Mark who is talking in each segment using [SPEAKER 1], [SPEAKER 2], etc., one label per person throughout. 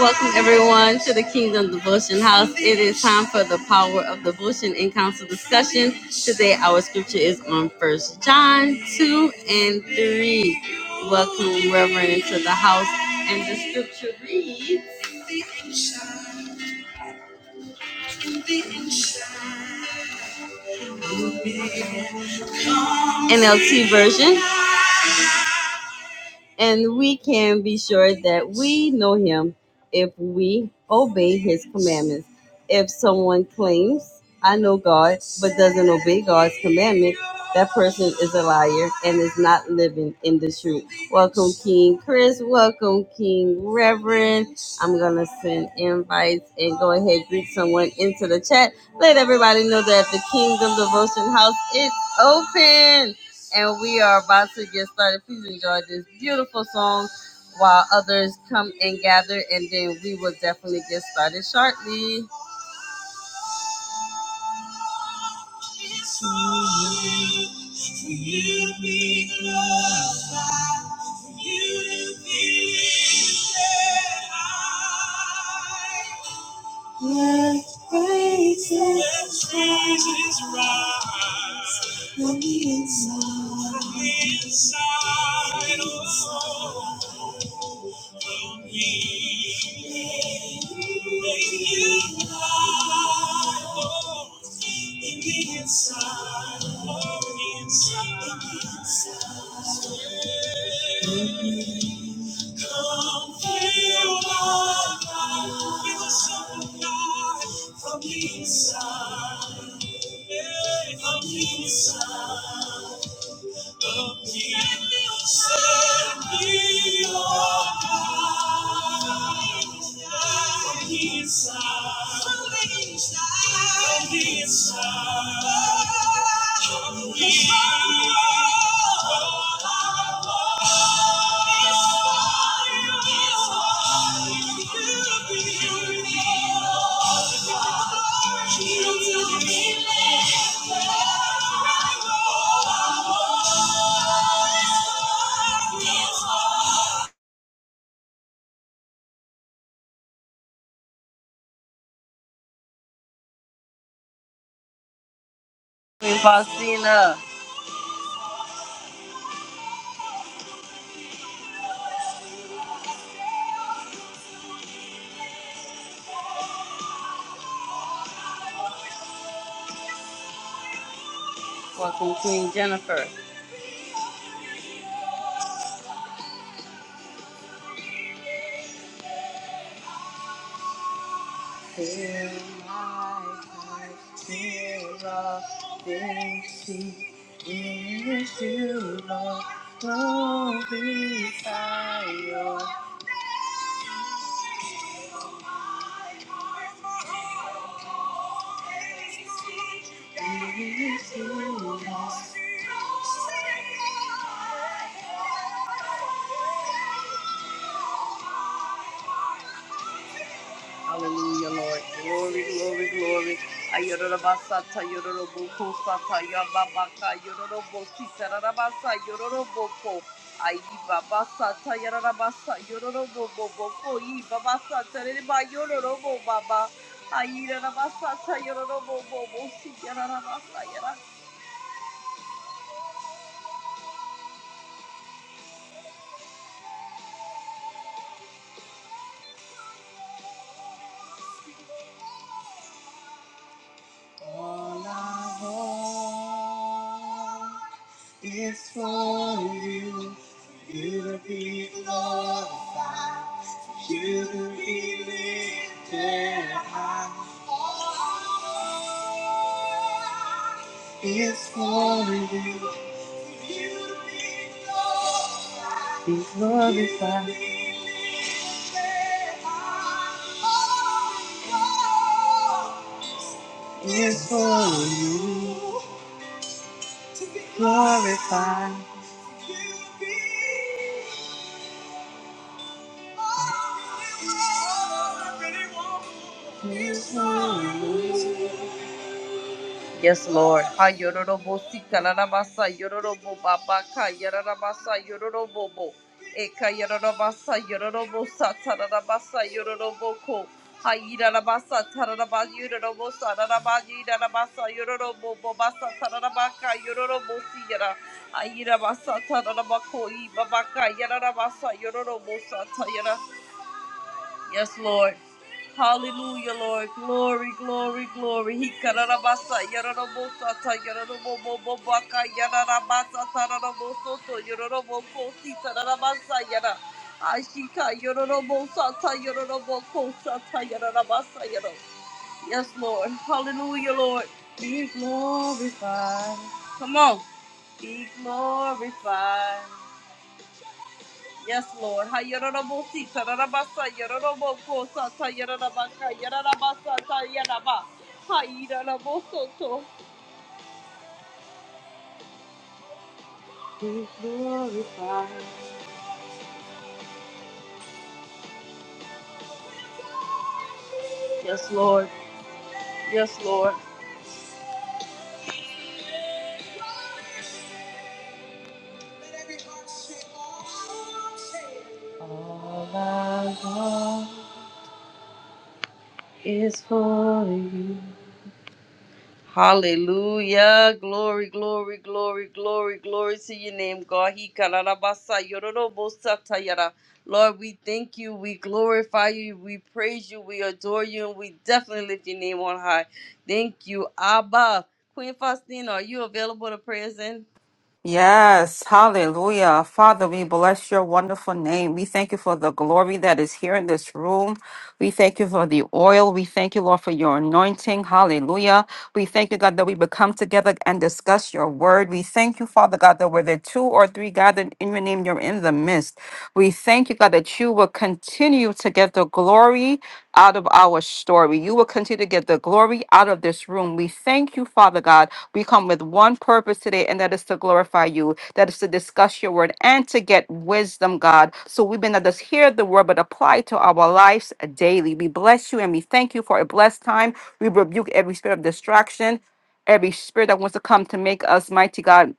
[SPEAKER 1] Welcome everyone to the Kingdom Devotion House. It is time for the power of devotion and council discussion. Today our scripture is on First John 2 and 3. Welcome Reverend to the house. And the scripture reads NLT version. And we can be sure that we know him if we obey his commandments. If someone claims, I know God, but doesn't obey God's commandments, that person is a liar and is not living in the truth. Welcome, King Chris. Welcome, King Reverend. I'm going to send invites and go ahead greet someone into the chat. Let everybody know that the Kingdom Devotion House is open and we are about to get started. Please enjoy this beautiful song while others come and gather, and then we will definitely get started shortly. Let praises, Let praises rise from the inside, from the inside. Oh. From the inside, from the inside. Inside, Queen Faustina, welcome Queen Jennifer. Till I feel the mercy into the glory fire. Into the Hallelujah, Lord. Glory, glory, glory. Ayorobasata, yoroboko, sata, yababaka, yorobo, sitarabasa, yoroboko. Ayibabasata, yarabasa, yoroboko, ibabasata, reba, yorobo, baba. Ayirabasata, yorobo, bobo, sitarabasa, yara. All I want is for you, for you to be glorified, for you to be lifted high. All I want is for you, for you to be glorified, to be lifted high. All I want is for you. Yes, Lord. Yes, Lord. Ha yororobo sika rarabasa yororobo babaka yararabasa yororobo bo. Eka yararabasa yororobo sa tararabasa yororobo ko. Ha yararabasa tararaba yororobo sa raraba yararabasa yororobo bo basa tararabaka yororobo siyara. Ha yararabasa tararaba ko i babaka yararabasa yororobo sa tayara. Yes, Lord. Hallelujah, Lord. Glory, glory, glory. He kararabasa yararabota ta yararabobobaka yararabasa tararaboso to yararaboko si tararabasa yara. Ashika yararabosa ta yararaboko sa ta yararabasa yara. Yes, Lord. Hallelujah, Lord. Be glorified. Come on. Be glorified. Yes, Lord. Ha yararabo si tararabasa yararabo ko sa yaraba. Ha yararabo Be glorified. Yes, Lord. Yes, Lord. Let every heart say, All I want is for you. Hallelujah. Glory, glory, glory, glory, glory to your name, God. He kararabasa yororobosa tayara. Lord, we thank you. We glorify you. We praise you. We adore you. And we definitely lift your name on high. Thank you, Abba. Queen Faustina, are you available to pray us in?
[SPEAKER 2] Yes, hallelujah. Father, we bless your wonderful name. We thank you for the glory that is here in this room. We thank you for the oil. We thank you, Lord, for your anointing. Hallelujah. We thank you, God, that we would come together and discuss your word. We thank you, Father God, that where there are two or three gathered in your name, you're in the midst. We thank you, God, that you will continue continue to get the glory out of our story. You will continue to get the glory out of this room. We thank you, Father God. We come with one purpose today, and that is to glorify you, that is to discuss your word and to get wisdom, God. So we may not just hear the word, but apply it to our lives daily. We bless you and we thank you for a blessed time. We rebuke every spirit of distraction. Every spirit that wants to come to make us mighty God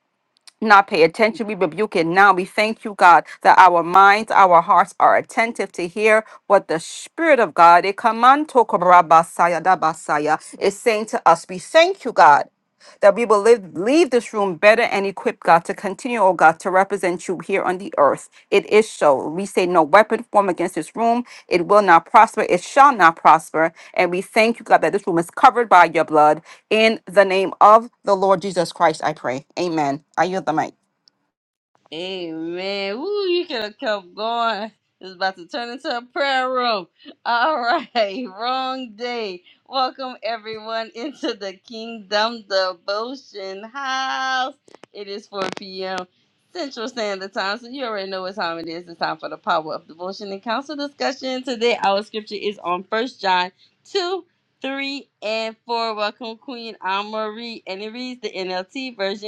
[SPEAKER 2] not pay attention. We rebuke it now. We thank you, God, that our minds, our hearts are attentive to hear what the Spirit of God eh, kamanto korabasaya dabasaya, is saying to us. We thank you, God, that we will live, leave this room better and equipped, God, to continue, oh God, to represent you here on the earth. It is so. We say no weapon formed against this room. It will not prosper. It shall not prosper. And we thank you, God, that this room is covered by your blood. In the name of the Lord Jesus Christ, I pray. Amen. I yield the mic.
[SPEAKER 1] Amen. Woo, you could have kept going. It's about to turn into a prayer room. All right. Wrong day. Welcome everyone into the Kingdom Devotion House. It is 4 p.m. Central Standard Time, so you already know what time it is. It's time for the power of devotion and council discussion. Today, our scripture is on First John 2, 3, and 4. Welcome, Queen Anne Marie. And it reads the NLT version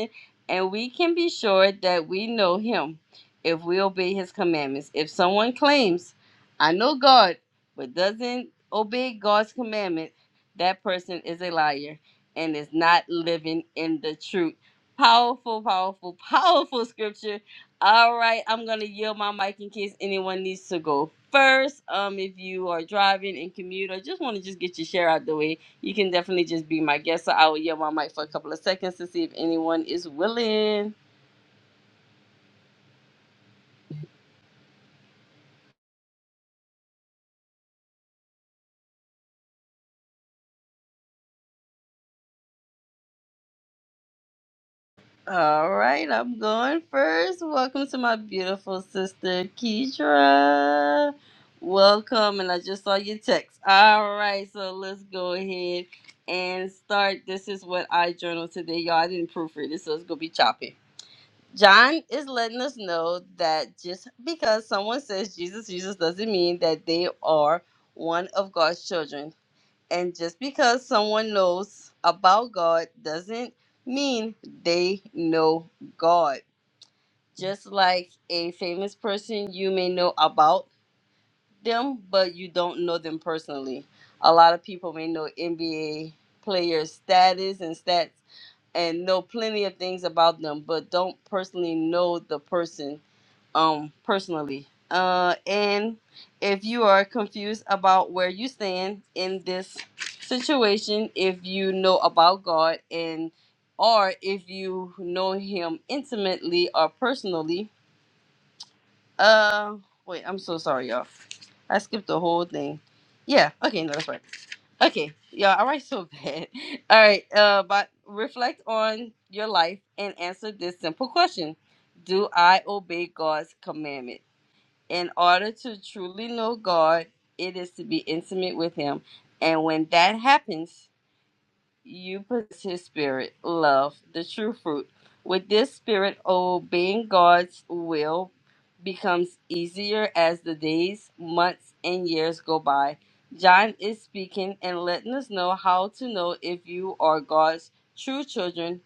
[SPEAKER 1] and we can be sure that we know him if we obey his commandments. If someone claims, I know God, but doesn't obey God's commandment, that person is a liar and is not living in the truth. Powerful, powerful, powerful scripture. All right, I'm going to yield my mic in case anyone needs to go first. Um, if you are driving and commute or just want to just get your share out the way, you can definitely just be my guest. So I will yell my mic for a couple of seconds to see if anyone is willing. All right, I'm going first. Welcome to my beautiful sister, Keitra. Welcome, and I just saw your text. All right, so let's go ahead and start. This is what I journaled today, y'all. I didn't proofread it, so it's gonna be choppy. John is letting us know that just because someone says Jesus, Jesus doesn't mean that they are one of God's children. And just because someone knows about God doesn't mean they know God. Just like a famous person, you may know about them, but you don't know them personally. A lot of people may know NBA players' status and stats and know plenty of things about them, but don't personally know the person um personally uh and if you are confused about where you stand in this situation if you know about god and or if you know him intimately or personally uh wait i'm so sorry y'all i skipped the whole thing yeah okay no that's right okay y'all, I write so bad all right uh but reflect on your life and answer this simple question do i obey god's commandment in order to truly know God, it is to be intimate with Him. And when that happens, you possess His Spirit, love, the true fruit. With this Spirit, obeying God's will becomes easier as the days, months, and years go by. John is speaking and letting us know how to know if you are God's true children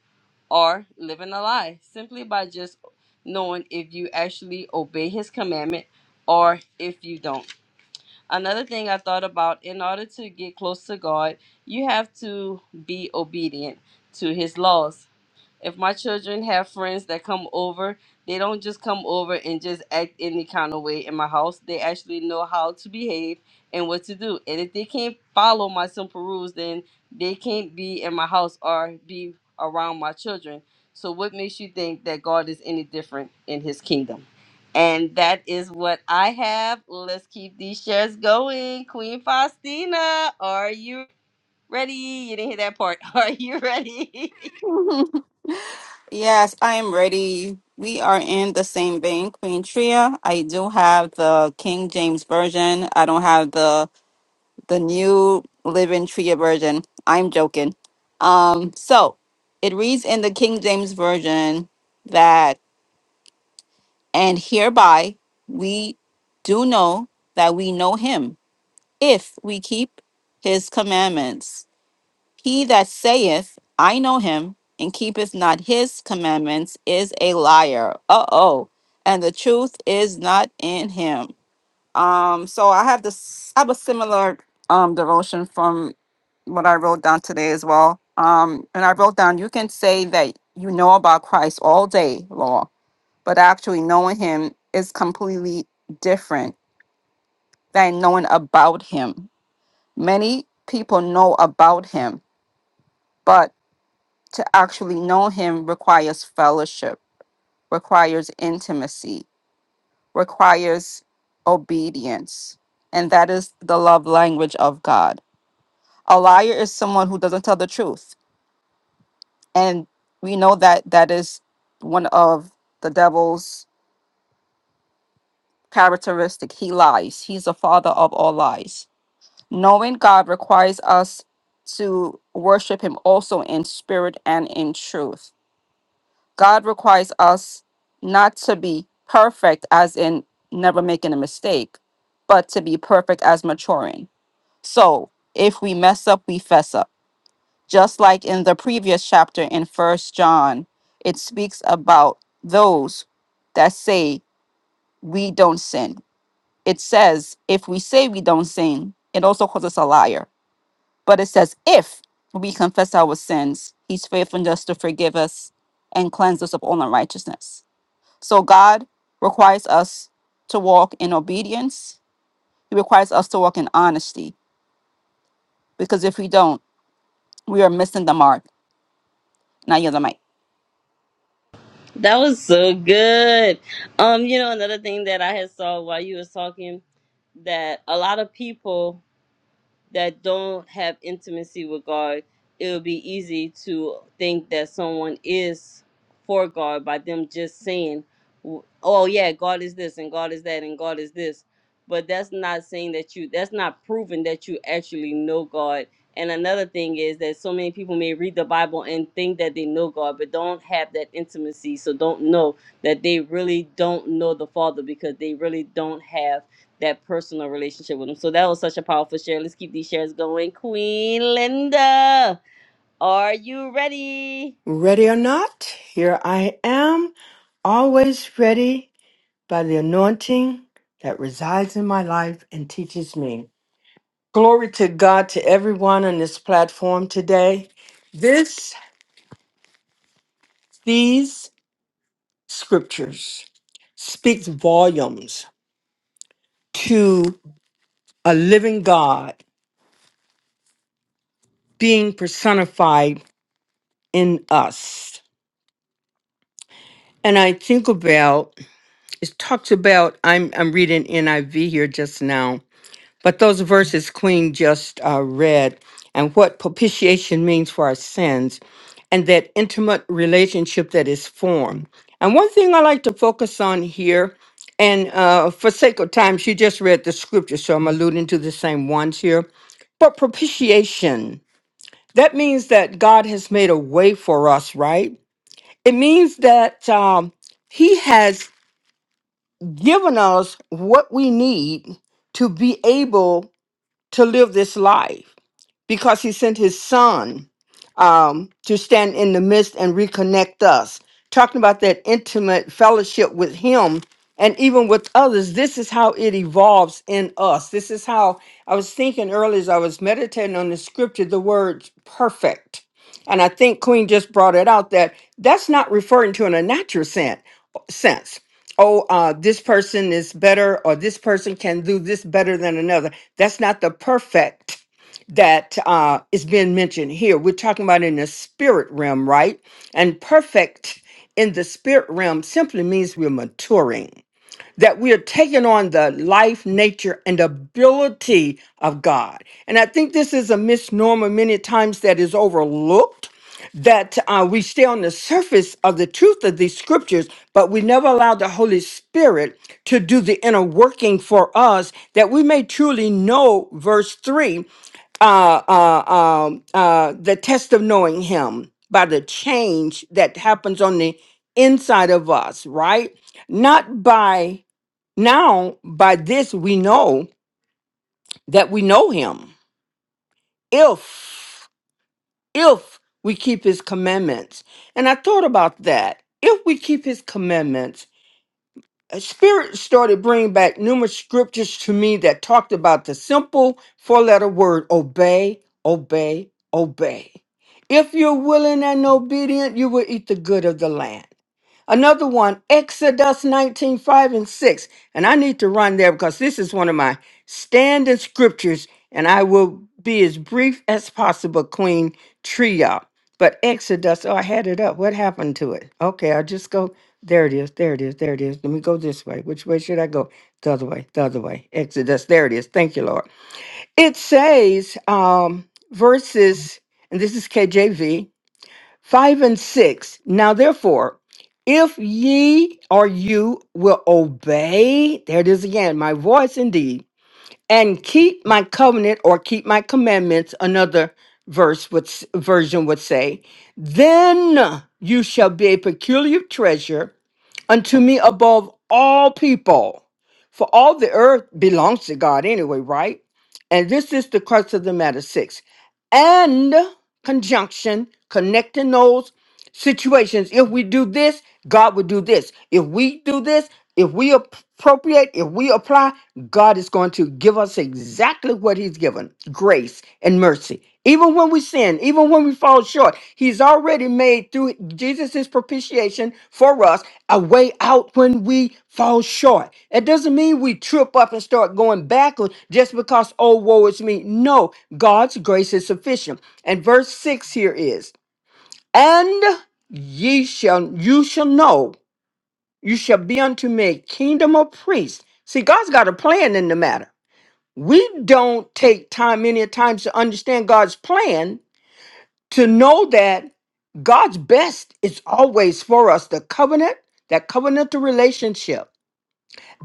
[SPEAKER 1] are living a lie simply by just knowing if you actually obey his commandment or if you don't. Another thing I thought about in order to get close to God, you have to be obedient to his laws if my children have friends that come over, they don't just come over and just act any kind of way in my house. They actually know how to behave and what to do. And if they can't follow my simple rules, then they can't be in my house or be around my children. So, what makes you think that God is any different in his kingdom? And that is what I have. Let's keep these shares going. Queen Faustina, are you ready? You didn't hear that part. Are you ready?
[SPEAKER 2] Yes, I am ready. We are in the same vein, Queen Tria. I do have the King James version. I don't have the the new Living Tria version. I'm joking. Um, so it reads in the King James version that, and hereby we do know that we know Him if we keep His commandments. He that saith, I know him, and keepeth not his commandments is a liar. Uh oh. And the truth is not in him. Um, so I have this I have a similar um devotion from what I wrote down today as well. Um, and I wrote down you can say that you know about Christ all day long, but actually knowing him is completely different than knowing about him. Many people know about him, but to actually know him requires fellowship, requires intimacy, requires obedience. And that is the love language of God. A liar is someone who doesn't tell the truth. And we know that that is one of the devil's characteristic. He lies. He's the father of all lies. Knowing God requires us to worship him also in spirit and in truth God requires us not to be perfect, as in never making a mistake, but to be perfect as maturing. So if we mess up, we fess up. Just like in the previous chapter in First John, it speaks about those that say we don't sin. It says if we say we don't sin, it also calls us a liar. But it says if we confess our sins, He's faithful and just to forgive us and cleanse us of all unrighteousness. So God requires us to walk in obedience. He requires us to walk in honesty because if we don't, we are missing the mark. Now you're the mic.
[SPEAKER 1] That was so good. Um, you know, another thing that I had saw while you was talking that a lot of people that don't have intimacy with God, it would be easy to think that someone is for God by them just saying, w- "Oh yeah, God is this and God is that and God is this," but that's not saying that you. That's not proving that you actually know God. And another thing is that so many people may read the Bible and think that they know God, but don't have that intimacy. So don't know that they really don't know the Father because they really don't have that personal relationship with him. So that was such a powerful share. Let's keep these shares going. Queen Linda, are you ready?
[SPEAKER 3] Ready or not, here I am, always ready by the anointing that resides in my life and teaches me. Glory to God to everyone on this platform today. This, these scriptures speaks volumes to a living God being personified in us. And I think about it talks about I'm I'm reading NIV here just now But those verses Queen just uh, read, and what propitiation means for our sins, and that intimate relationship that is formed. And one thing I like to focus on here, and uh, for sake of time, she just read the scripture, so I'm alluding to the same ones here. But propitiation, that means that God has made a way for us, right? It means that um, He has given us what we need to be able to live this life because he sent his son um, to stand in the midst and reconnect us. Talking about that intimate fellowship with him and even with others, this is how it evolves in us. This is how I was thinking earlier as I was meditating on the scripture, the word perfect. And I think Queen just brought it out that that's not referring to in a natural sense. sense. Oh, uh, this person is better, or this person can do this better than another. That's not the perfect that uh, is being mentioned here. We're talking about in the spirit realm, right? And perfect in the spirit realm simply means we're maturing, that we are taking on the life, nature, and ability of God. And I think this is a misnomer many times that is overlooked that uh, we stay on the surface of the truth of these scriptures, but we never allow the Holy Spirit to do the inner working for us that we may truly know verse 3 uh, uh, um, uh, the test of knowing Him by the change that happens on the inside of us, right? Not by now, by this we know that we know Him if, if we keep His commandments. And I thought about that. If we keep His commandments, a spirit started bringing back numerous scriptures to me that talked about the simple four letter word obey, obey, obey. If you're willing and obedient, you will eat the good of the land. Another one, Exodus 19 5 and 6. And I need to run there because this is one of my standing scriptures, and I will be as brief as possible, Queen Tria. But Exodus, oh, I had it up. What happened to it? Okay, I'll just go there it is. There it is. There it is. Let me go this way. Which way should I go? The other way. The other way. Exodus. There it is. Thank you, Lord. It says, um, verses, and this is KJV, five and six. Now, therefore, if ye or you will obey, there it is again, my voice indeed, and keep my covenant or keep my commandments, another verse would, s- version would say, then you shall be a peculiar treasure unto me above all people. For all the earth belongs to God anyway, right? And this is the crux of the matter six. And conjunction, connecting those situations. If we do this, God will do this. If we do this, if we appropriate, if we apply, God is going to give us exactly what He's given grace and mercy. Even when we sin, even when we fall short, He's already made through Jesus' propitiation for us a way out when we fall short. It doesn't mean we trip up and start going backwards just because, oh, woe is me. No, God's grace is sufficient. And verse 6 here is, and ye shall, you shall know, you shall be unto me a kingdom of priests. See, God's got a plan in the matter. We don't take time many times to understand God's plan to know that God's best is always for us the covenant, that covenantal relationship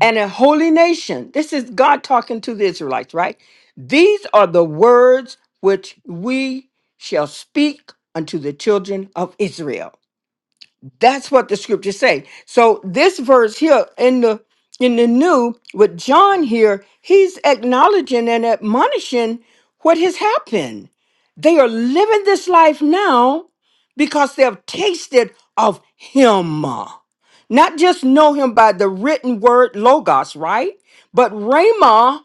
[SPEAKER 3] and a holy nation. This is God talking to the Israelites, right? These are the words which we shall speak unto the children of Israel that's what the scriptures say. So this verse here in the in the new with John here, he's acknowledging and admonishing what has happened. They are living this life now because they have tasted of him. Not just know him by the written word logos, right? But Rhema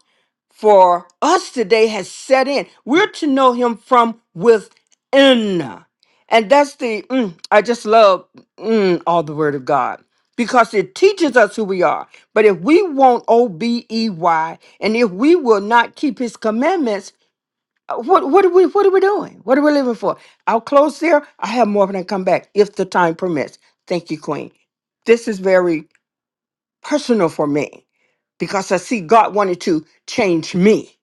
[SPEAKER 3] for us today has set in. We're to know him from within. And that's the, mm, I just love mm, all the word of God because it teaches us who we are. But if we won't obey and if we will not keep his commandments, uh, what, what, are we, what are we doing? What are we living for? I'll close there. I have more when I come back if the time permits. Thank you, Queen. This is very personal for me because I see God wanted to change me.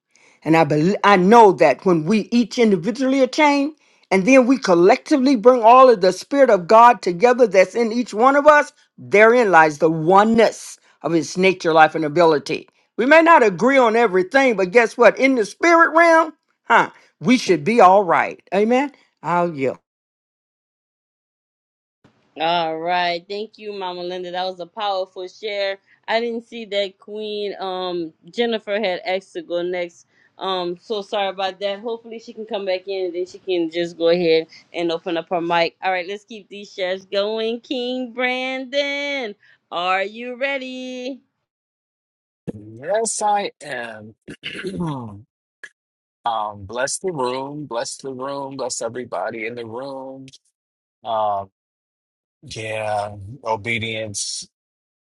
[SPEAKER 3] And I bel I know that when we each individually are changed, and then we collectively bring all of the Spirit of God together that's in each one of us, therein lies the oneness of His nature, life, and ability. We may not agree on everything, but guess what? In the spirit realm, huh? We should be all right. Amen. I'll yield.
[SPEAKER 1] All right. Thank you, Mama Linda. That was a powerful share. I didn't see that Queen um Jennifer had asked to go next. Um, so sorry about that. Hopefully she can come back in and then she can just go ahead and open up her mic. All right, let's keep these shares going. King Brandon, are you ready?
[SPEAKER 4] Yes, I am. Um, bless the room, bless the room, bless everybody in the room. Um, yeah, obedience.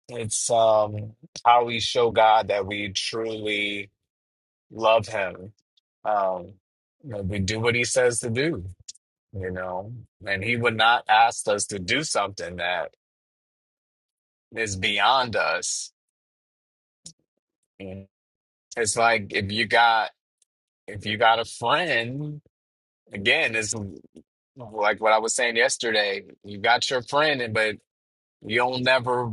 [SPEAKER 4] It's um how we show God that we truly love him. Um, that we do what he says to do, you know, and he would not ask us to do something that is beyond us. It's like if you got if you got a friend, again, it's like what I was saying yesterday, you got your friend, and but you'll never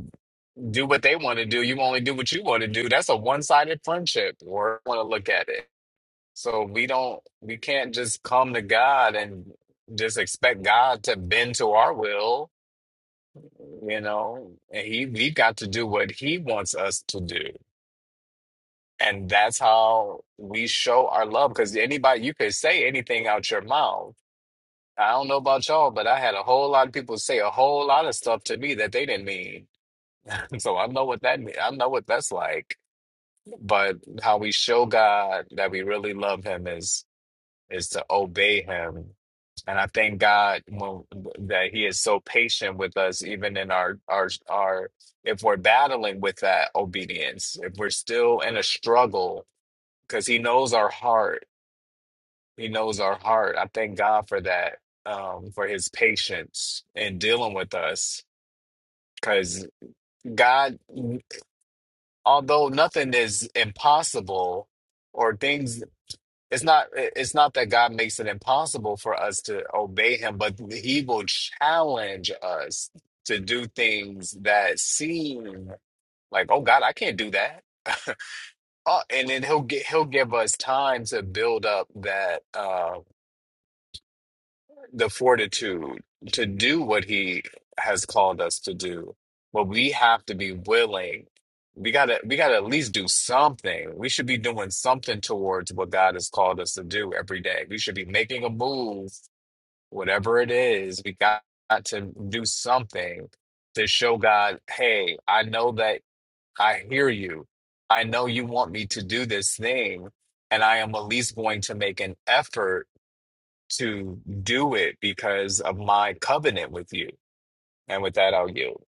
[SPEAKER 4] do what they want to do. You only do what you want to do. That's a one-sided friendship, or want to look at it. So we don't, we can't just come to God and just expect God to bend to our will, you know. And he, we got to do what He wants us to do. And that's how we show our love. Because anybody, you could say anything out your mouth I don't know about y'all, but I had a whole lot of people say a whole lot of stuff to me that they didn't mean. So I know what that mean. I know what that's like. But how we show God that we really love Him is is to obey Him. And I thank God when, that He is so patient with us, even in our our our if we're battling with that obedience, if we're still in a struggle, because He knows our heart he knows our heart. I thank God for that, um, for his patience in dealing with us. Because God, although nothing is impossible or things, it's not, it's not that God makes it impossible for us to obey him, but he will challenge us to do things that seem like, oh God, I can't do that. Oh, and then he'll get, he'll give us time to build up that, uh, the fortitude to do what he has called us to do but we have to be willing we gotta we gotta at least do something we should be doing something towards what god has called us to do every day we should be making a move whatever it is we got to do something to show god hey i know that i hear you i know you want me to do this thing and i am at least going to make an effort to do it because of my covenant with you. And with that, I'll yield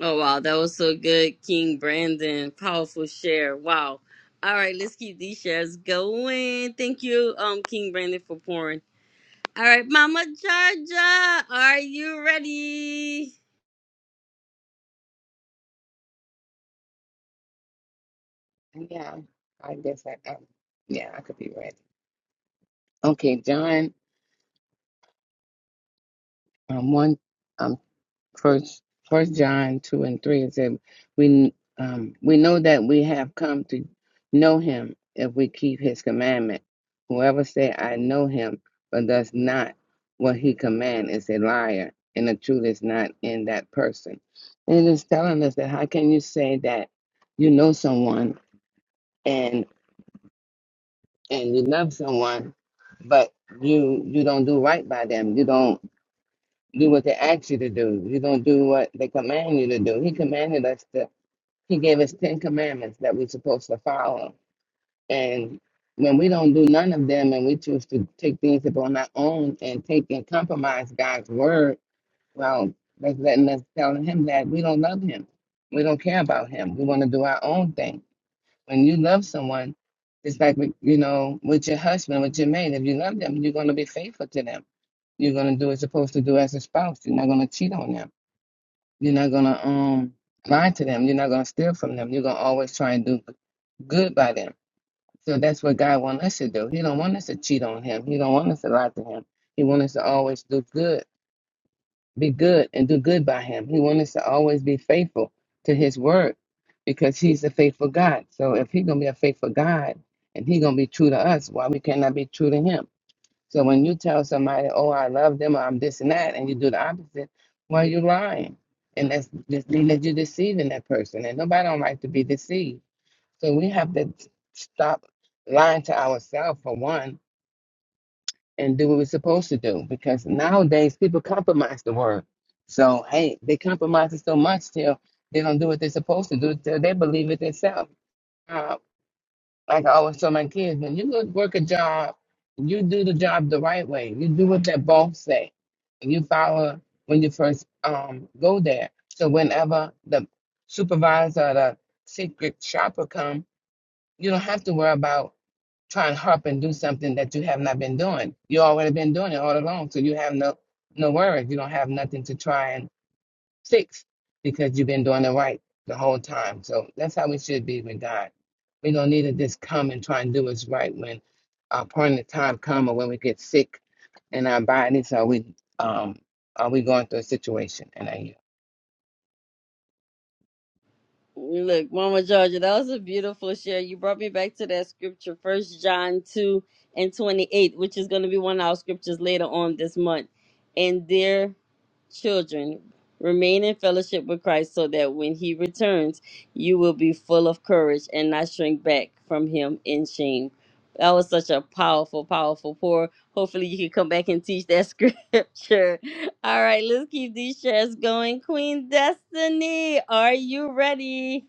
[SPEAKER 1] Oh wow, that was so good, King Brandon. Powerful share. Wow. All right, let's keep these shares going. Thank you, um, King Brandon, for pouring. All right, Mama Georgia, are you ready?
[SPEAKER 5] Yeah, I guess I, I yeah, I could be ready. Okay, John, um, one, um, first, first John two and three it said, we, um, we know that we have come to know Him if we keep His commandment. Whoever say I know Him but does not what He command is a liar, and the truth is not in that person. And it's telling us that how can you say that you know someone and you love someone, but you you don't do right by them. You don't do what they ask you to do. You don't do what they command you to do. He commanded us to. He gave us ten commandments that we're supposed to follow. And when we don't do none of them, and we choose to take things upon our own and take and compromise God's word, well, that's letting us telling him that we don't love him. We don't care about him. We want to do our own thing when you love someone, it's like, with- you know, with your husband, with your mate, if you love them, you're going to be faithful to them. You're going to do what you're supposed to do as a spouse. You're not going to cheat on them. You're not going to um lie to them. You're not going to steal from them. You're going to always try and do good by them. So that's what God wants us to do. He don't want us to cheat on him. He don't want us to lie to him. He wants us to always do good be good and do good by him. He wants us to always be faithful to his word because he's a faithful God. So if he's gonna be a faithful God and he's gonna be true to us, why we cannot be true to him? So when you tell somebody, Oh, I love them or I'm this and that and you do the opposite, well you're lying. And that's just mean that you're deceiving that person and nobody don't like to be deceived. So we have to stop lying to ourselves for one and do what we're supposed to do because nowadays people compromise the word. So hey, they compromise it so much till they don't do what they're supposed to do till they believe it themselves. Uh, like I always tell my kids, when you go work a job, you do the job the right way. You do what that boss say, and you follow when you first um go there. So whenever the supervisor or the secret shopper come, you don't have to worry about try and hop and do something that you have not been doing. You already been doing it all along, so you have no no worries. You don't have nothing to try and six because you've been doing it right the whole time. So that's how we should be with God. We don't need to just come and try and do what's right when our appointed time comes, or when we get sick in our bodies or we um are we going through a situation and I
[SPEAKER 1] Look, Mama Georgia, that was a beautiful share. You brought me back to that scripture, First John two and twenty eight, which is going to be one of our scriptures later on this month. And dear children, remain in fellowship with Christ, so that when He returns, you will be full of courage and not shrink back from Him in shame. That was such a powerful, powerful pour. Hopefully, you can come back and teach that scripture. All right, let's keep these shares going. Queen Destiny, are you ready?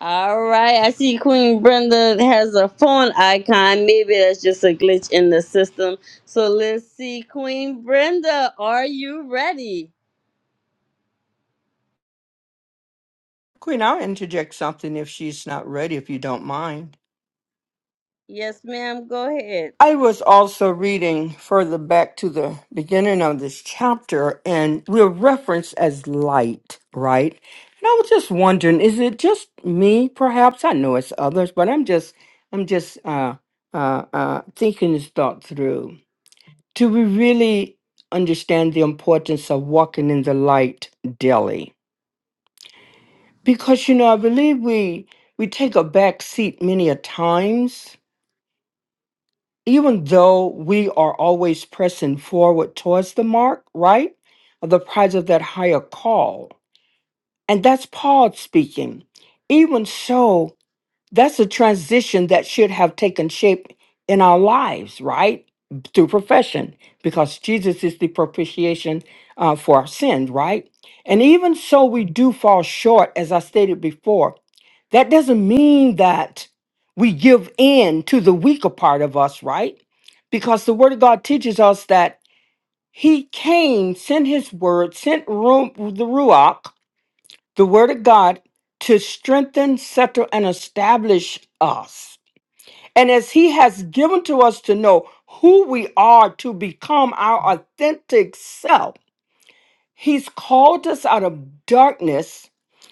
[SPEAKER 1] All right, I see Queen Brenda has a phone icon. Maybe that's just a glitch in the system. So let's see, Queen Brenda, are you ready?
[SPEAKER 3] Queen, I'll interject something if she's not ready, if you don't mind.
[SPEAKER 1] Yes, ma'am. Go ahead.
[SPEAKER 3] I was also reading further back to the beginning of this chapter, and we're referenced as light, right? And I was just wondering, is it just me? Perhaps I know it's others, but I'm just, I'm just uh, uh, uh, thinking this thought through. Do we really understand the importance of walking in the light daily? Because you know, I believe we we take a back seat many a times even though we are always pressing forward towards the mark, right? Of the prize of that higher call. And that's Paul speaking. Even so, that's a transition that should have taken shape in our lives, right? Through profession, because Jesus is the propitiation uh, for our sins, right? And even so, we do fall short, as I stated before. That doesn't mean that we give in to the weaker part of us, right? Because the Word of God teaches us that He came, sent His Word, sent Ru- the Ruach the word of God to strengthen, settle, and establish us. And as he has given to us to know who we are to become our authentic self, he's called us out of darkness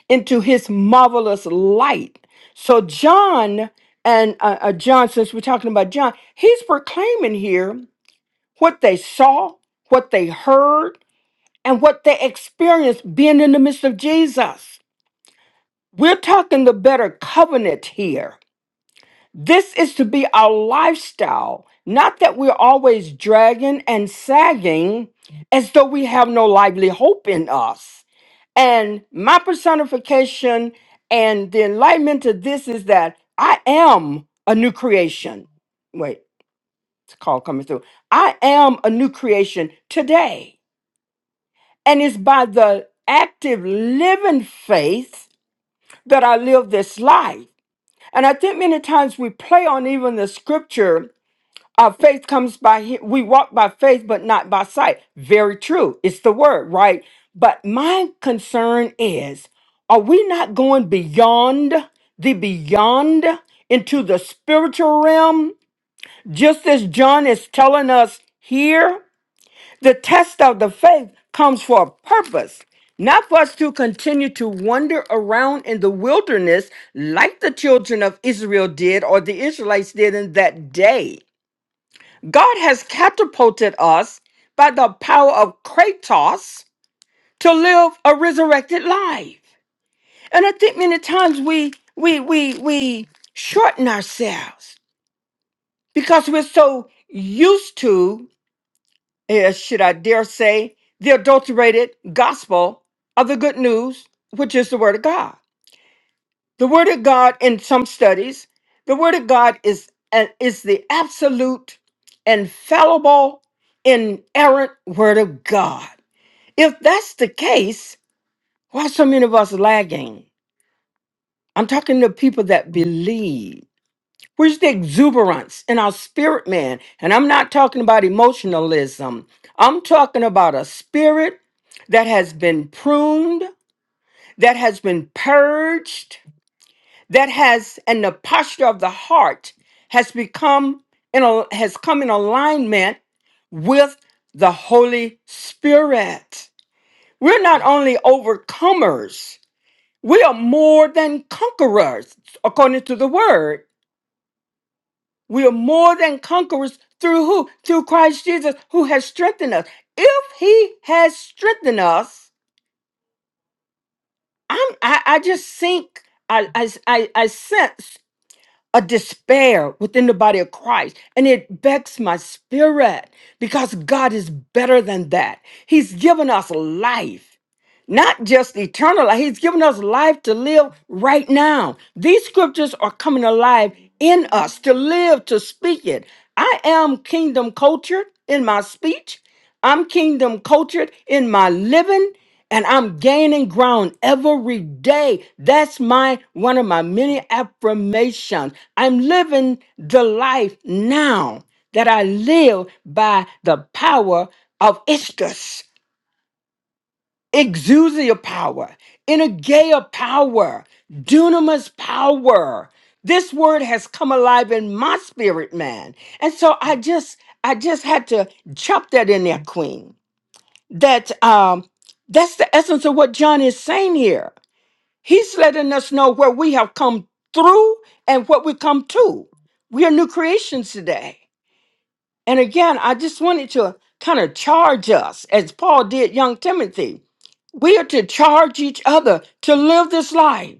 [SPEAKER 3] into his marvelous light. So, John and uh, uh, John, since we're talking about John, he's proclaiming here what they saw, what they heard, and what they experienced being in the midst of Jesus. We're talking the better covenant here. This is to be our lifestyle, not that we're always dragging and sagging as though we have no lively hope in us. And my personification and the enlightenment to this is that I am a new creation. Wait, it's a call coming through. I am a new creation today. And it's by the active living faith that I live this life. And I think many times we play on even the scripture, our faith comes by, he- we walk by faith, but not by sight. Very true. It's the word, right? But my concern is, are we not going beyond the beyond into the spiritual realm? Just as John is telling us here, the test of the faith comes for a purpose, not for us to continue to wander around in the wilderness like the children of Israel did or the Israelites did in that day. God has catapulted us by the power of Kratos to live a resurrected life. And I think many times we we we we shorten ourselves because we're so used to eh, should I dare say, the adulterated gospel of the good news, which is the Word of God. The Word of God, in some studies, the Word of God is, an- is the absolute, infallible, inerrant Word of God. If that's the case, why are so many of us lagging? I'm talking to people that believe. Where's the exuberance in our spirit, man? And I'm not talking about emotionalism. I'm talking about a spirit that has been pruned, that has been purged, that has, and the posture of the heart has become, in a, has come in alignment with the Holy Spirit. We're not only overcomers, we are more than conquerors, according to the word. We are more than conquerors through who? Through Christ Jesus, who has strengthened us. If He has strengthened us, I'm, I, I just think, I, I, I, I sense a despair within the body of Christ, and it becks my spirit because God is better than that. He's given us life not just eternal life. He's given us life to live right now. These scriptures are coming alive in us to live, to speak it. I am kingdom cultured in my speech, I'm kingdom cultured in my living. And I'm gaining ground every day. That's my one of my many affirmations. I'm living the life now that I live by the power of Istus exousia power, energeia power, dunamis power. This word has come alive in my spirit, man. And so I just I just had to chop that in there, Queen. That um that's the essence of what John is saying here. He's letting us know where we have come through and what we come to. We are new creations today. And again, I just wanted to kind of charge us, as Paul did young Timothy. We are to charge each other to live this life.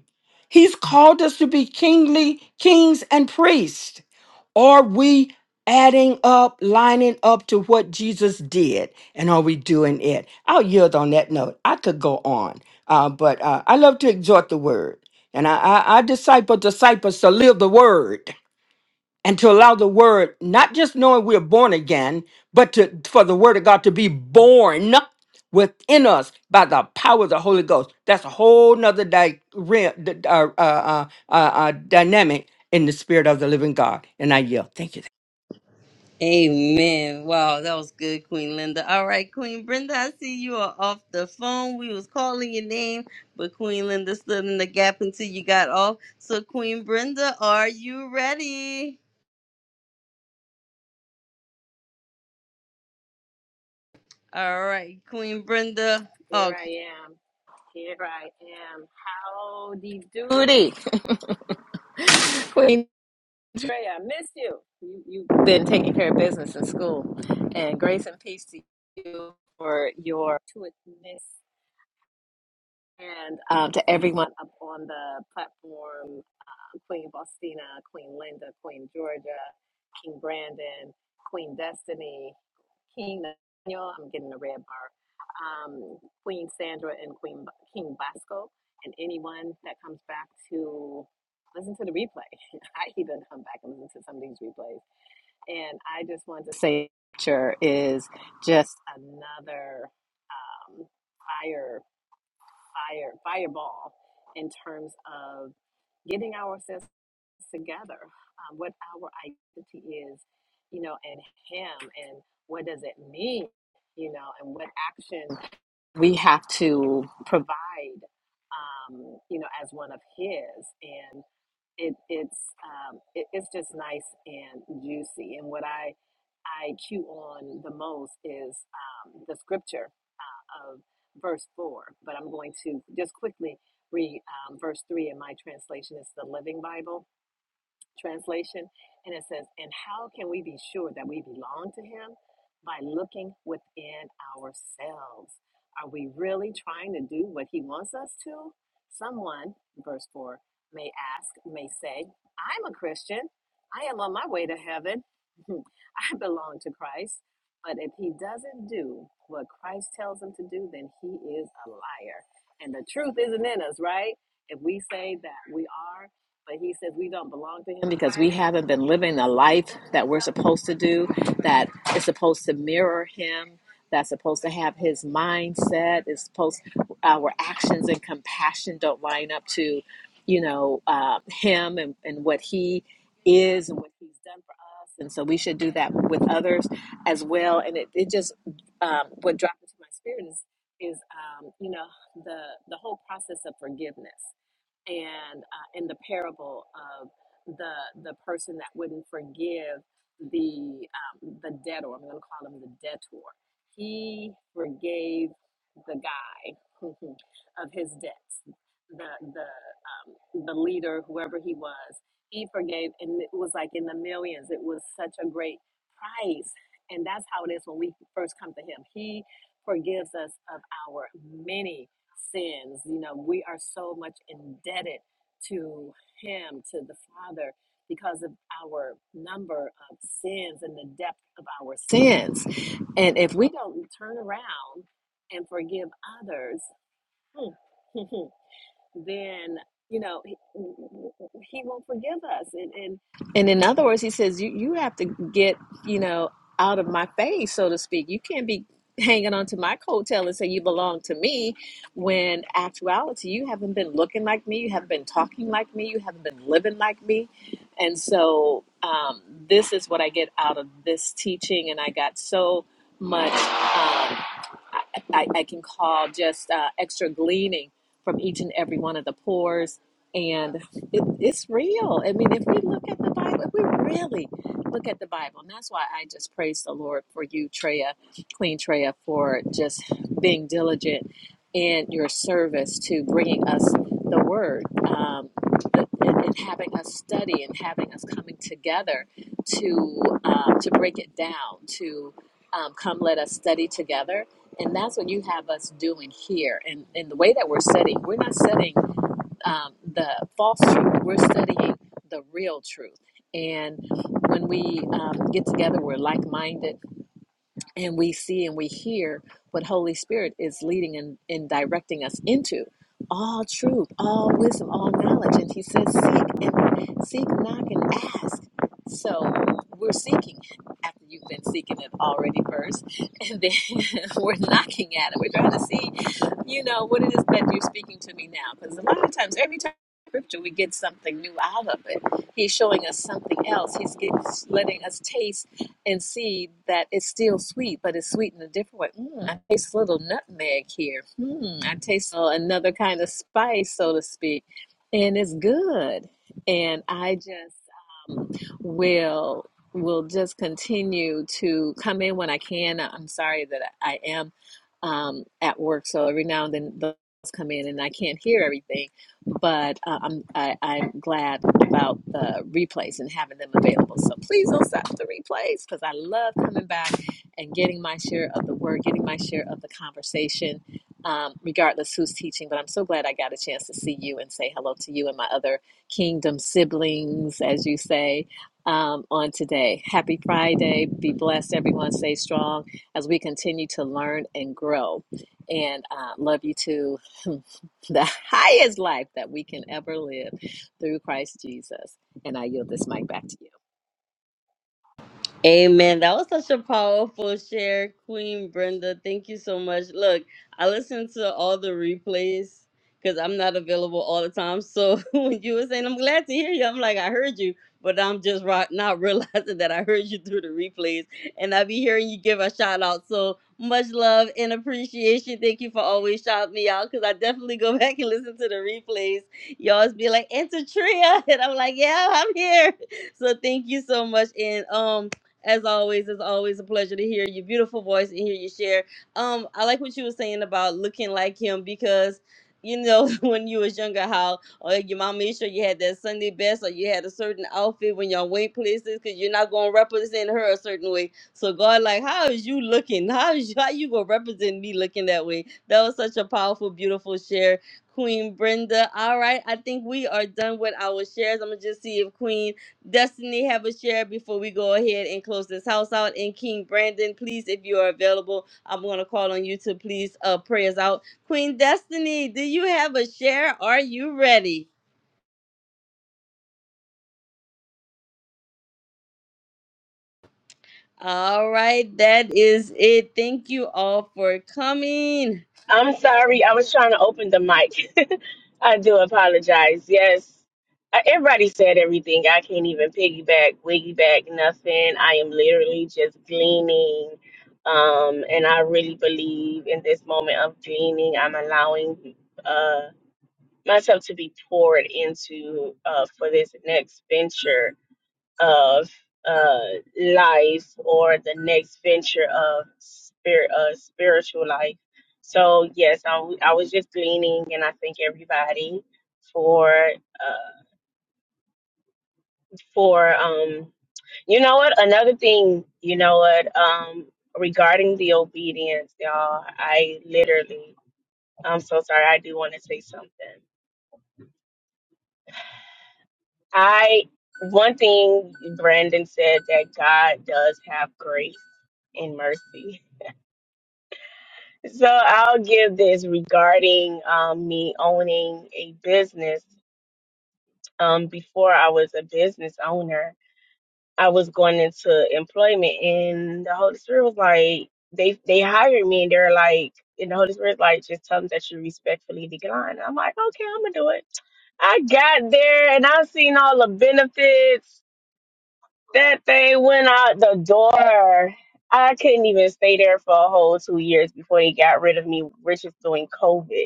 [SPEAKER 3] He's called us to be kingly kings and priests. Are we adding up, lining up to what Jesus did? And are we doing it? I'll yield on that note. I could go on, uh, but uh, I love to exhort the word. And I, I, I disciple disciples to live the word and to allow the word not just knowing we're born again but to for the word of god to be born within us by the power of the holy ghost that's a whole nother di- re- d- uh, uh, uh, uh, uh, dynamic in the spirit of the living god and i yield thank you
[SPEAKER 1] Amen. Wow, that was good, Queen Linda. All right, Queen Brenda, I see you are off the phone. We was calling your name, but Queen Linda stood in the gap until you got off. So, Queen Brenda, are you ready? All right, Queen Brenda.
[SPEAKER 6] Here
[SPEAKER 1] Oh,
[SPEAKER 6] I am. Here I am. Howdy doody. Queen Trey, I miss you. you. You've been taking care of business in school. And grace and peace to you for your to miss and um, to everyone up on the platform. Queen Faustina, Queen Linda, Queen Georgia, King Brandon, Queen Destiny, King Daniel, I'm getting a red bar, um, Queen Sandra, and Queen King Bosco, and anyone that comes back to listen to the replay. I even come back and listen to some of these replays. And I just want to say, picture is just another um, fire fire fireball in terms of getting ourselves together, um, what our identity is, you know, and Him, and what does it mean, you know, and what action we have to provide, um, you know, as one of His, and it, it's um, it, it's just nice and juicy, and what I I cue on the most is um, the scripture of verse 4, but I'm going to just quickly read um, verse 3 in my translation. It's the Living Bible translation. And it says, And how can we be sure that we belong to Him? By looking within ourselves. Are we really trying to do what He wants us to? Someone, verse 4, may ask, may say, I'm a Christian. I am on my way to heaven. I belong to Christ. But if he doesn't do what Christ tells him to do, then he is a liar. And the truth isn't in us, right? If we say that we are, but he says we don't belong to him because we haven't been living the life that we're supposed to do, that is supposed to mirror him, that's supposed to have his mindset, is supposed our actions and compassion don't line up to, you know, uh, him and, and what he is and what he's done for us. And so we should do that with others as well. And it, it just, um, what dropped into my spirit is, is um, you know, the, the whole process of forgiveness and uh, in the parable of the the person that wouldn't forgive the um, the debtor. I'm going to call him the debtor. He forgave the guy of his debts. The the um, the leader, whoever he was, he forgave, and it was like in the millions. It was such a great nice. And that's how it is when we first come to Him. He forgives us of our many sins. You know, we are so much indebted to Him, to the Father, because of our number of sins and the depth of our sins. And if we don't turn around and forgive others, hmm, hmm, hmm, then you know he, he won't forgive us and and and in other words he says you you have to get you know out of my face so to speak you can't be hanging on to my coattail and say you belong to me when actuality you haven't been looking like me you haven't been talking like me you haven't been living like me and so um, this is what i get out of this teaching and i got so much um, I, I I can call just uh, extra gleaning from each and every one of the pores. And it, it's real. I mean, if we look at the Bible, if we really look at the Bible, and that's why I just praise the Lord for you, Treya, Queen Treya, for just being diligent in your service to bringing us the Word, um, and, and having us study and having us coming together to um, to break it down, to um, come let us study together and that's what you have us doing here. And, and the way that we're studying, we're not studying um, the false truth, we're studying the real truth. And when we um, get together, we're like minded and we see and we hear what holy spirit is leading and, and directing us into all truth all wisdom all knowledge and he says seek and seek knock and ask so we're seeking after you've been seeking it already first and then we're knocking at it we're trying to see you know what it is that you're speaking to me now because a lot of times every time in scripture we get something new out of it he's showing us something else he's get- letting us taste and see that it's still sweet, but it's sweet in a different way. Mm, I taste a little nutmeg here. Hmm, I taste uh, another kind of spice, so to speak, and it's good. And I just um, will will just continue to come in when I can. I'm sorry that I am um, at work, so every now and then those come in, and I can't hear everything but uh, I'm I, I'm glad about the replays and having them available. So please don't stop the replays because I love coming back and getting my share of the word, getting my share of the conversation, um, regardless who's teaching. But I'm so glad I got a chance to see you and say hello to you and my other kingdom siblings, as you say. Um, on today. Happy Friday. Be blessed, everyone. Stay strong as we continue to learn and grow. And uh, love you too. the highest life that we can ever live through Christ Jesus. And I yield this mic back to you.
[SPEAKER 1] Amen. That was such a powerful share, Queen Brenda. Thank you so much. Look, I listen to all the replays because I'm not available all the time. So when you were saying, I'm glad to hear you, I'm like, I heard you, but I'm just ro- not realizing that I heard you through the replays. And I be hearing you give a shout out. So much love and appreciation. Thank you for always shouting me out because I definitely go back and listen to the replays. You always be like, Enter Tria. And I'm like, yeah, I'm here. So thank you so much. And um, as always, it's always a pleasure to hear your beautiful voice and hear you share. Um, I like what you were saying about looking like him because you know when you was younger how or your mom made sure you had that Sunday best or you had a certain outfit when y'all went places because you're not gonna represent her a certain way. So God, like, how is you looking? How is you, how you gonna represent me looking that way? That was such a powerful, beautiful share. Queen Brenda. All right, I think we are done with our shares. I'm gonna just see if Queen Destiny have a share before we go ahead and close this house out. And King Brandon, please, if you are available, I'm gonna call on you to please uh pray us out. Queen Destiny, do you have a share? Are you ready? All right, that is it. Thank you all for coming.
[SPEAKER 7] I'm sorry. I was trying to open the mic. I do apologize. Yes. Uh, Everybody said everything. I can't even piggyback, wiggy back, nothing. I am literally just gleaning. Um, and I really believe in this moment of gleaning, I'm allowing uh, myself to be poured into uh, for this next venture of uh, life or the next venture of spirit, uh, spiritual life. So yes, I, w- I was just gleaning, and I thank everybody for uh, for um, you know what another thing you know what um, regarding the obedience, y'all. I literally I'm so sorry. I do want to say something. I one thing Brandon said that God does have grace and mercy. So I'll give this regarding um, me owning a business. Um, before I was a business owner, I was going into employment, and the Holy Spirit was like, they they hired me, and they're like, and the Holy Spirit's like, just tell them that you respectfully decline. I'm like, okay, I'm gonna do it. I got there, and i seen all the benefits. That thing went out the door. I couldn't even stay there for a whole two years before they got rid of me, which is during COVID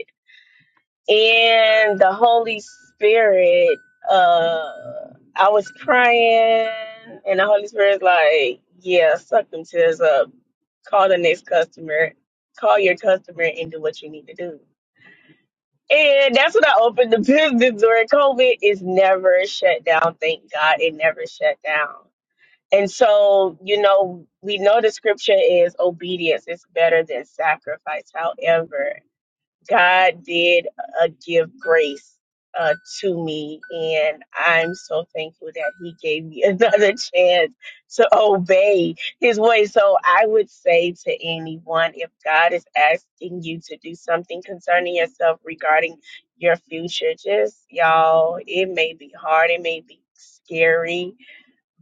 [SPEAKER 7] and the Holy Spirit, uh, I was crying, and the Holy Spirit's like, "Yeah, suck them tears up. Call the next customer. Call your customer and do what you need to do." And that's when I opened the business during COVID. It's never shut down. Thank God, it never shut down. And so, you know, we know the scripture is obedience is better than sacrifice. However, God did uh, give grace uh, to me, and I'm so thankful that He gave me another chance to obey His way. So I would say to anyone if God is asking you to do something concerning yourself regarding your future, just y'all, it may be hard, it may be scary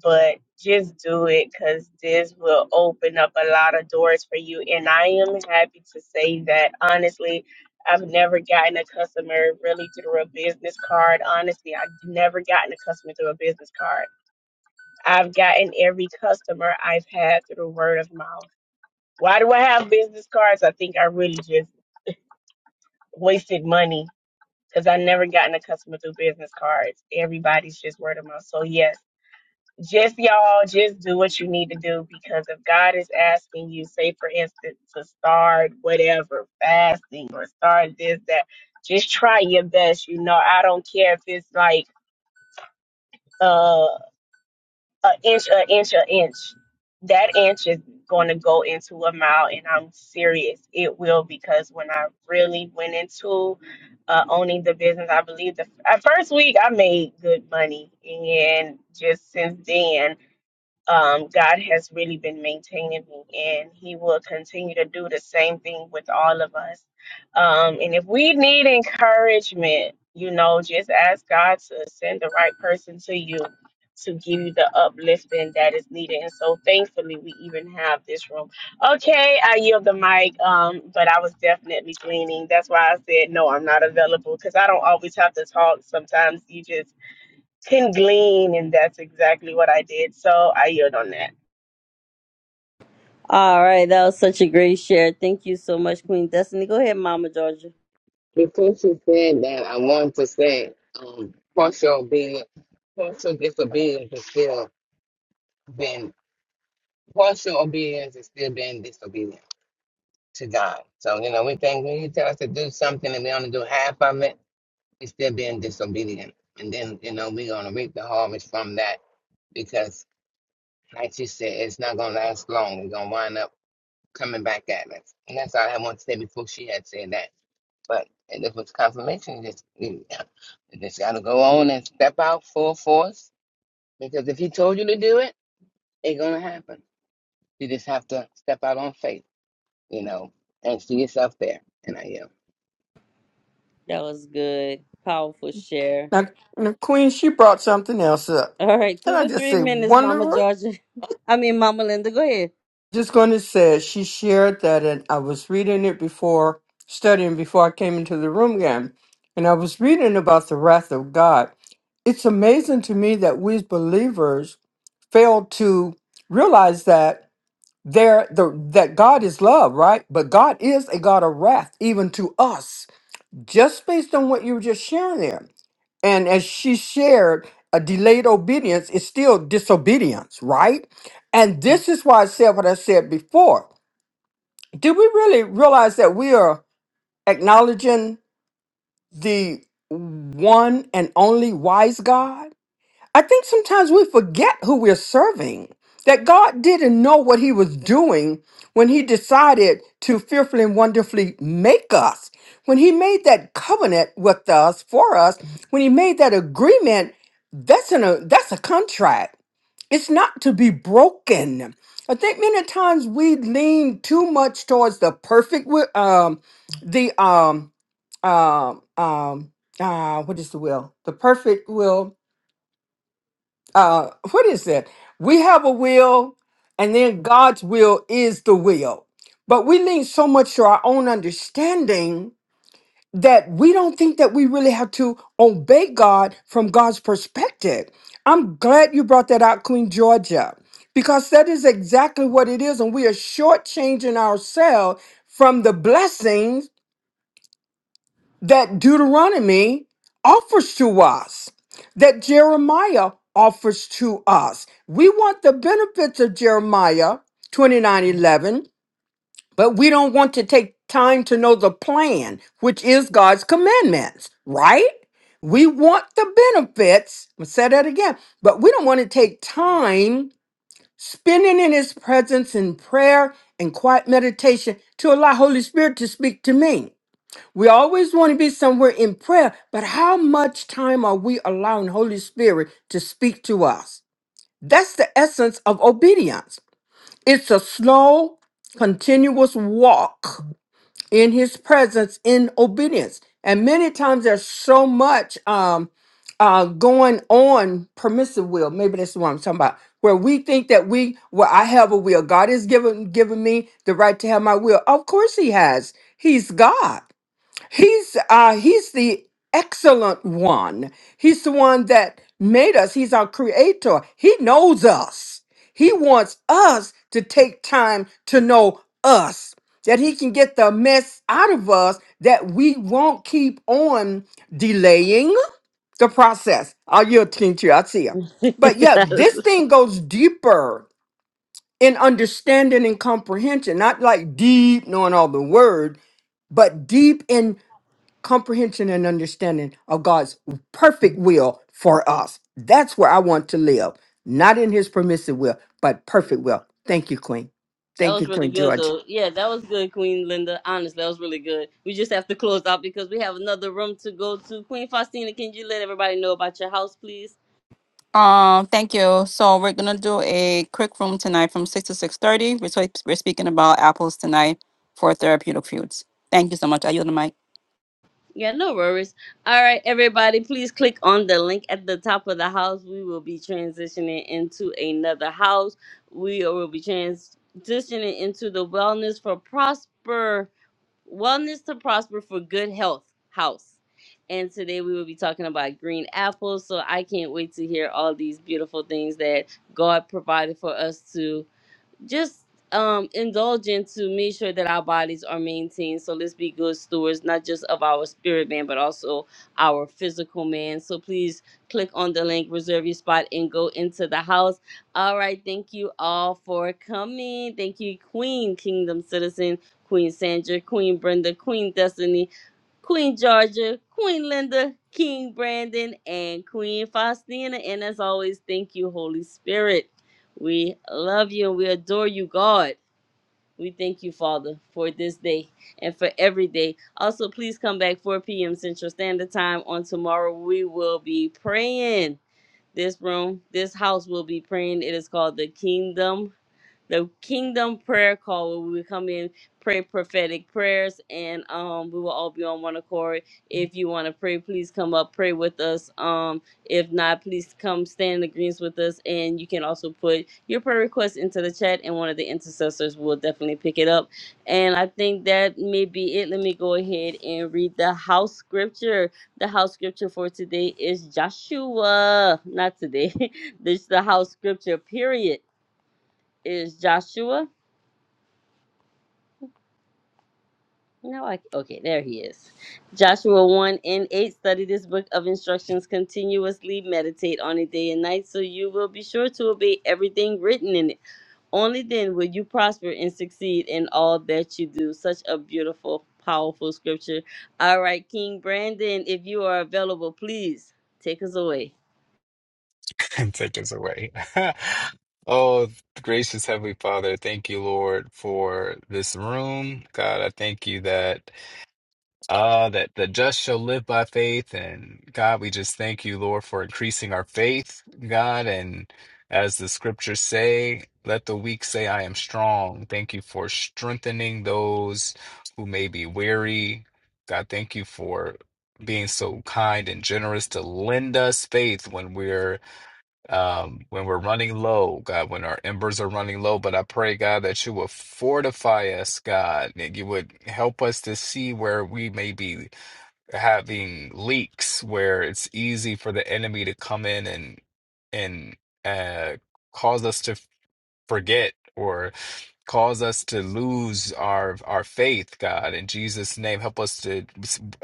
[SPEAKER 7] but just do it because this will open up a lot of doors for you. And I am happy to say that honestly, I've never gotten a customer really through a business card. Honestly, I've never gotten a customer through a business card. I've gotten every customer I've had through word of mouth. Why do I have business cards? I think I really just wasted money because i never gotten a customer through business cards. Everybody's just word of mouth. So, yes just y'all just do what you need to do because if God is asking you, say for instance, to start whatever fasting or start this that, just try your best. You know, I don't care if it's like uh, an inch, an inch, an inch. That inch is going to go into a mile, and I'm serious. It will because when I really went into uh, owning the business, I believe the at first week I made good money, and just since then um, God has really been maintaining me, and He will continue to do the same thing with all of us. Um, and if we need encouragement, you know, just ask God to send the right person to you to give you the uplifting that is needed. And so, thankfully, we even have this room. Okay, I yield the mic, um, but I was definitely gleaning. That's why I said no, I'm not available because I don't always have to talk. Sometimes you just can glean, and that's exactly what I did. So I yield on that.
[SPEAKER 1] All right, that was such a great share. Thank you so much, Queen Destiny. Go ahead, Mama Georgia.
[SPEAKER 5] Before she said that, I wanted to say um, partial obedience, partial disobedience is still being partial obedience is still being disobedient to God. So you know, we think when you tell us to do something and we only do half of it, we still being disobedient, and then you know we're gonna reap the harvest from that because, like she said, it's not gonna last long. We're gonna wind up coming back at us, and that's all I want to say before she had said that. But and if it's confirmation, you just you, you just gotta go on and step out full force. Because if he told you to do it, it's gonna happen. You just have to step out on faith, you know, and see yourself there. And I am.
[SPEAKER 1] That was good. Powerful share.
[SPEAKER 3] Now, now, Queen, she brought something else up.
[SPEAKER 1] All right,
[SPEAKER 3] Can
[SPEAKER 1] two
[SPEAKER 3] I
[SPEAKER 1] to
[SPEAKER 3] just
[SPEAKER 1] three
[SPEAKER 3] say
[SPEAKER 1] minutes, Mama
[SPEAKER 3] wonderful?
[SPEAKER 1] Georgia. I mean, Mama Linda, go ahead.
[SPEAKER 3] Just going to say, she shared that, and I was reading it before, studying before I came into the room again, and I was reading about the wrath of God. It's amazing to me that we as believers fail to realize that there the that God is love, right? But God is a God of wrath, even to us just based on what you were just sharing there. And as she shared, a delayed obedience is still disobedience, right? And this is why I said what I said before. Do we really realize that we are acknowledging the one and only wise God? I think sometimes we forget who we're serving, that God didn't know what he was doing when he decided to fearfully and wonderfully make us. When he made that covenant with us, for us, when he made that agreement, that's in a that's a contract. It's not to be broken. I think many times we lean too much towards the perfect wi- um the um um um uh what is the will? The perfect will uh what is that we have a will and then god's will is the will but we lean so much to our own understanding that we don't think that we really have to obey god from god's perspective i'm glad you brought that out queen georgia because that is exactly what it is and we are shortchanging ourselves from the blessings that Deuteronomy offers to us, that Jeremiah offers to us. We want the benefits of Jeremiah 29 11, but we don't want to take time to know the plan, which is God's commandments, right? We want the benefits. I'm gonna say that again, but we don't want to take time spending in his presence in prayer and quiet meditation to allow Holy Spirit to speak to me. We always want to be somewhere in prayer, but how much time are we allowing Holy Spirit to speak to us? That's the essence of obedience. It's a slow, continuous walk in His presence in obedience. And many times there's so much um, uh, going on permissive will. Maybe that's what I'm talking about. Where we think that we, well, I have a will. God has given given me the right to have my will. Of course, He has. He's God. He's uh he's the excellent one. He's the one that made us. He's our creator. He knows us. He wants us to take time to know us. That he can get the mess out of us that we won't keep on delaying the process. I'll yield to you. I see you. But yeah, this thing goes deeper in understanding and comprehension, not like deep knowing all the word, but deep in comprehension and understanding of God's perfect will for us. That's where I want to live, not in his permissive will, but perfect will. Thank you, Queen.
[SPEAKER 1] That
[SPEAKER 3] Thank you,
[SPEAKER 1] was really
[SPEAKER 3] Queen
[SPEAKER 1] good,
[SPEAKER 3] George.
[SPEAKER 1] though. Yeah, that was good, Queen Linda. Honestly, that was really good. We just have to close out because we have another room to go to. Queen Faustina, can you let everybody know about your house, please?
[SPEAKER 2] Um, thank you. So we're gonna do a quick room tonight from six to six thirty. We're, swi- we're speaking about apples tonight for therapeutic foods. Thank you so much. I yield the mic.
[SPEAKER 1] Yeah, no worries. All right, everybody, please click on the link at the top of the house. We will be transitioning into another house. We will be transitioning into the Wellness for Prosper. Wellness to prosper for good health house. And today we will be talking about green apples. So I can't wait to hear all these beautiful things that God provided for us to just um indulging to make sure that our bodies are maintained so let's be good stewards not just of our spirit man but also our physical man so please click on the link reserve your spot and go into the house all right thank you all for coming thank you queen kingdom citizen queen sandra queen brenda queen destiny Queen Georgia, Queen Linda, King Brandon, and Queen Faustina. And as always, thank you, Holy Spirit. We love you and we adore you, God. We thank you, Father, for this day and for every day. Also, please come back 4 p.m. Central Standard Time on tomorrow. We will be praying. This room, this house will be praying. It is called the Kingdom the Kingdom Prayer Call where we come in, pray prophetic prayers, and um, we will all be on one accord. If you want to pray, please come up, pray with us. Um, if not, please come stand in agreement with us, and you can also put your prayer request into the chat, and one of the intercessors will definitely pick it up. And I think that may be it. Let me go ahead and read the house scripture. The house scripture for today is Joshua. Not today. this the house scripture. Period is Joshua No, I okay, there he is. Joshua 1 and 8 study this book of instructions continuously, meditate on it day and night, so you will be sure to obey everything written in it. Only then will you prosper and succeed in all that you do. Such a beautiful, powerful scripture. All right, King Brandon, if you are available, please take us away.
[SPEAKER 4] and take us away. Oh, gracious Heavenly Father, thank you, Lord, for this room. God, I thank you that. Uh, that the just shall live by faith. And God, we just thank you, Lord, for increasing our faith, God. And as the scriptures say, let the weak say, I am strong. Thank you for strengthening those who may be weary. God, thank you for being so kind and generous to lend us faith when we're um, when we're running low, God, when our embers are running low. But I pray, God, that you will fortify us, God, and you would help us to see where we may be having leaks, where it's easy for the enemy to come in and and uh, cause us to forget or cause us to lose our our faith god in jesus name help us to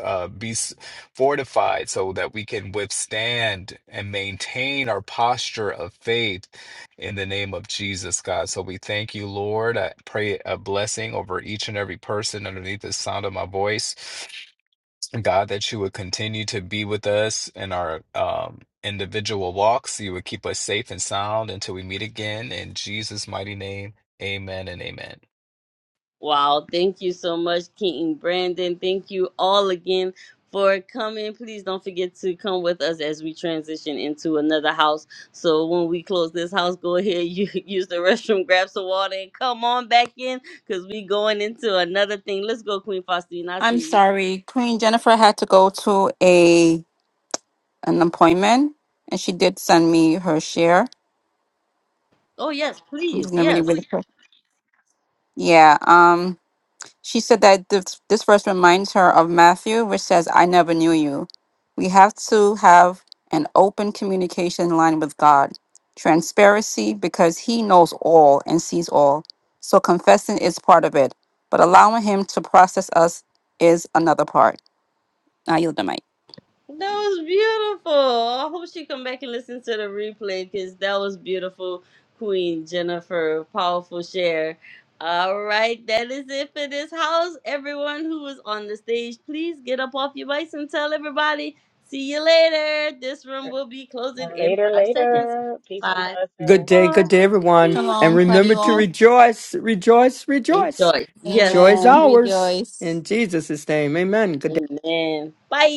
[SPEAKER 4] uh, be s- fortified so that we can withstand and maintain our posture of faith in the name of jesus god so we thank you lord i pray a blessing over each and every person underneath the sound of my voice god that you would continue to be with us in our um individual walks you would keep us safe and sound until we meet again in jesus mighty name amen and amen
[SPEAKER 1] Wow, thank you so much, King Brandon. Thank you all again for coming. Please don't forget to come with us as we transition into another house. So when we close this house, go ahead, you use the restroom, grab some water, and come on back in because we going into another thing. Let's go, Queen Faustine. I
[SPEAKER 2] I'm
[SPEAKER 1] see you.
[SPEAKER 2] sorry, Queen Jennifer had to go to a an appointment, and she did send me her share.
[SPEAKER 1] Oh yes,
[SPEAKER 2] I'm
[SPEAKER 1] please,
[SPEAKER 2] just gonna really
[SPEAKER 1] yes.
[SPEAKER 2] really quick. Yeah. Um. She said that this, this verse reminds her of Matthew, which says, I never knew you. We have to have an open communication line with God, transparency, because He knows all and sees all. So confessing is part of it, but allowing Him to process us is another part. I yield the mic.
[SPEAKER 1] That was beautiful. I hope she come back and listen to the replay because that was beautiful, Queen Jennifer. Powerful share. All right, that is it for this house. Everyone who was on the stage, please get up off your bikes and tell everybody. See you later. This room will be closing in
[SPEAKER 7] Later,
[SPEAKER 1] five seconds.
[SPEAKER 7] later. Peace and
[SPEAKER 1] Five,
[SPEAKER 3] Good
[SPEAKER 7] blessings.
[SPEAKER 3] day,
[SPEAKER 1] four,
[SPEAKER 3] good day, everyone.
[SPEAKER 1] three,
[SPEAKER 3] And
[SPEAKER 2] Shalom. Love
[SPEAKER 3] remember
[SPEAKER 2] you
[SPEAKER 3] to
[SPEAKER 2] all.
[SPEAKER 1] two.
[SPEAKER 3] rejoice, rejoice, rejoice.
[SPEAKER 1] Rejoice.
[SPEAKER 3] Joy
[SPEAKER 1] Yes.
[SPEAKER 3] is
[SPEAKER 2] Amen.
[SPEAKER 3] ours
[SPEAKER 2] Rejoice.
[SPEAKER 3] in Jesus' name. Amen. Good day.
[SPEAKER 1] Amen. Bye.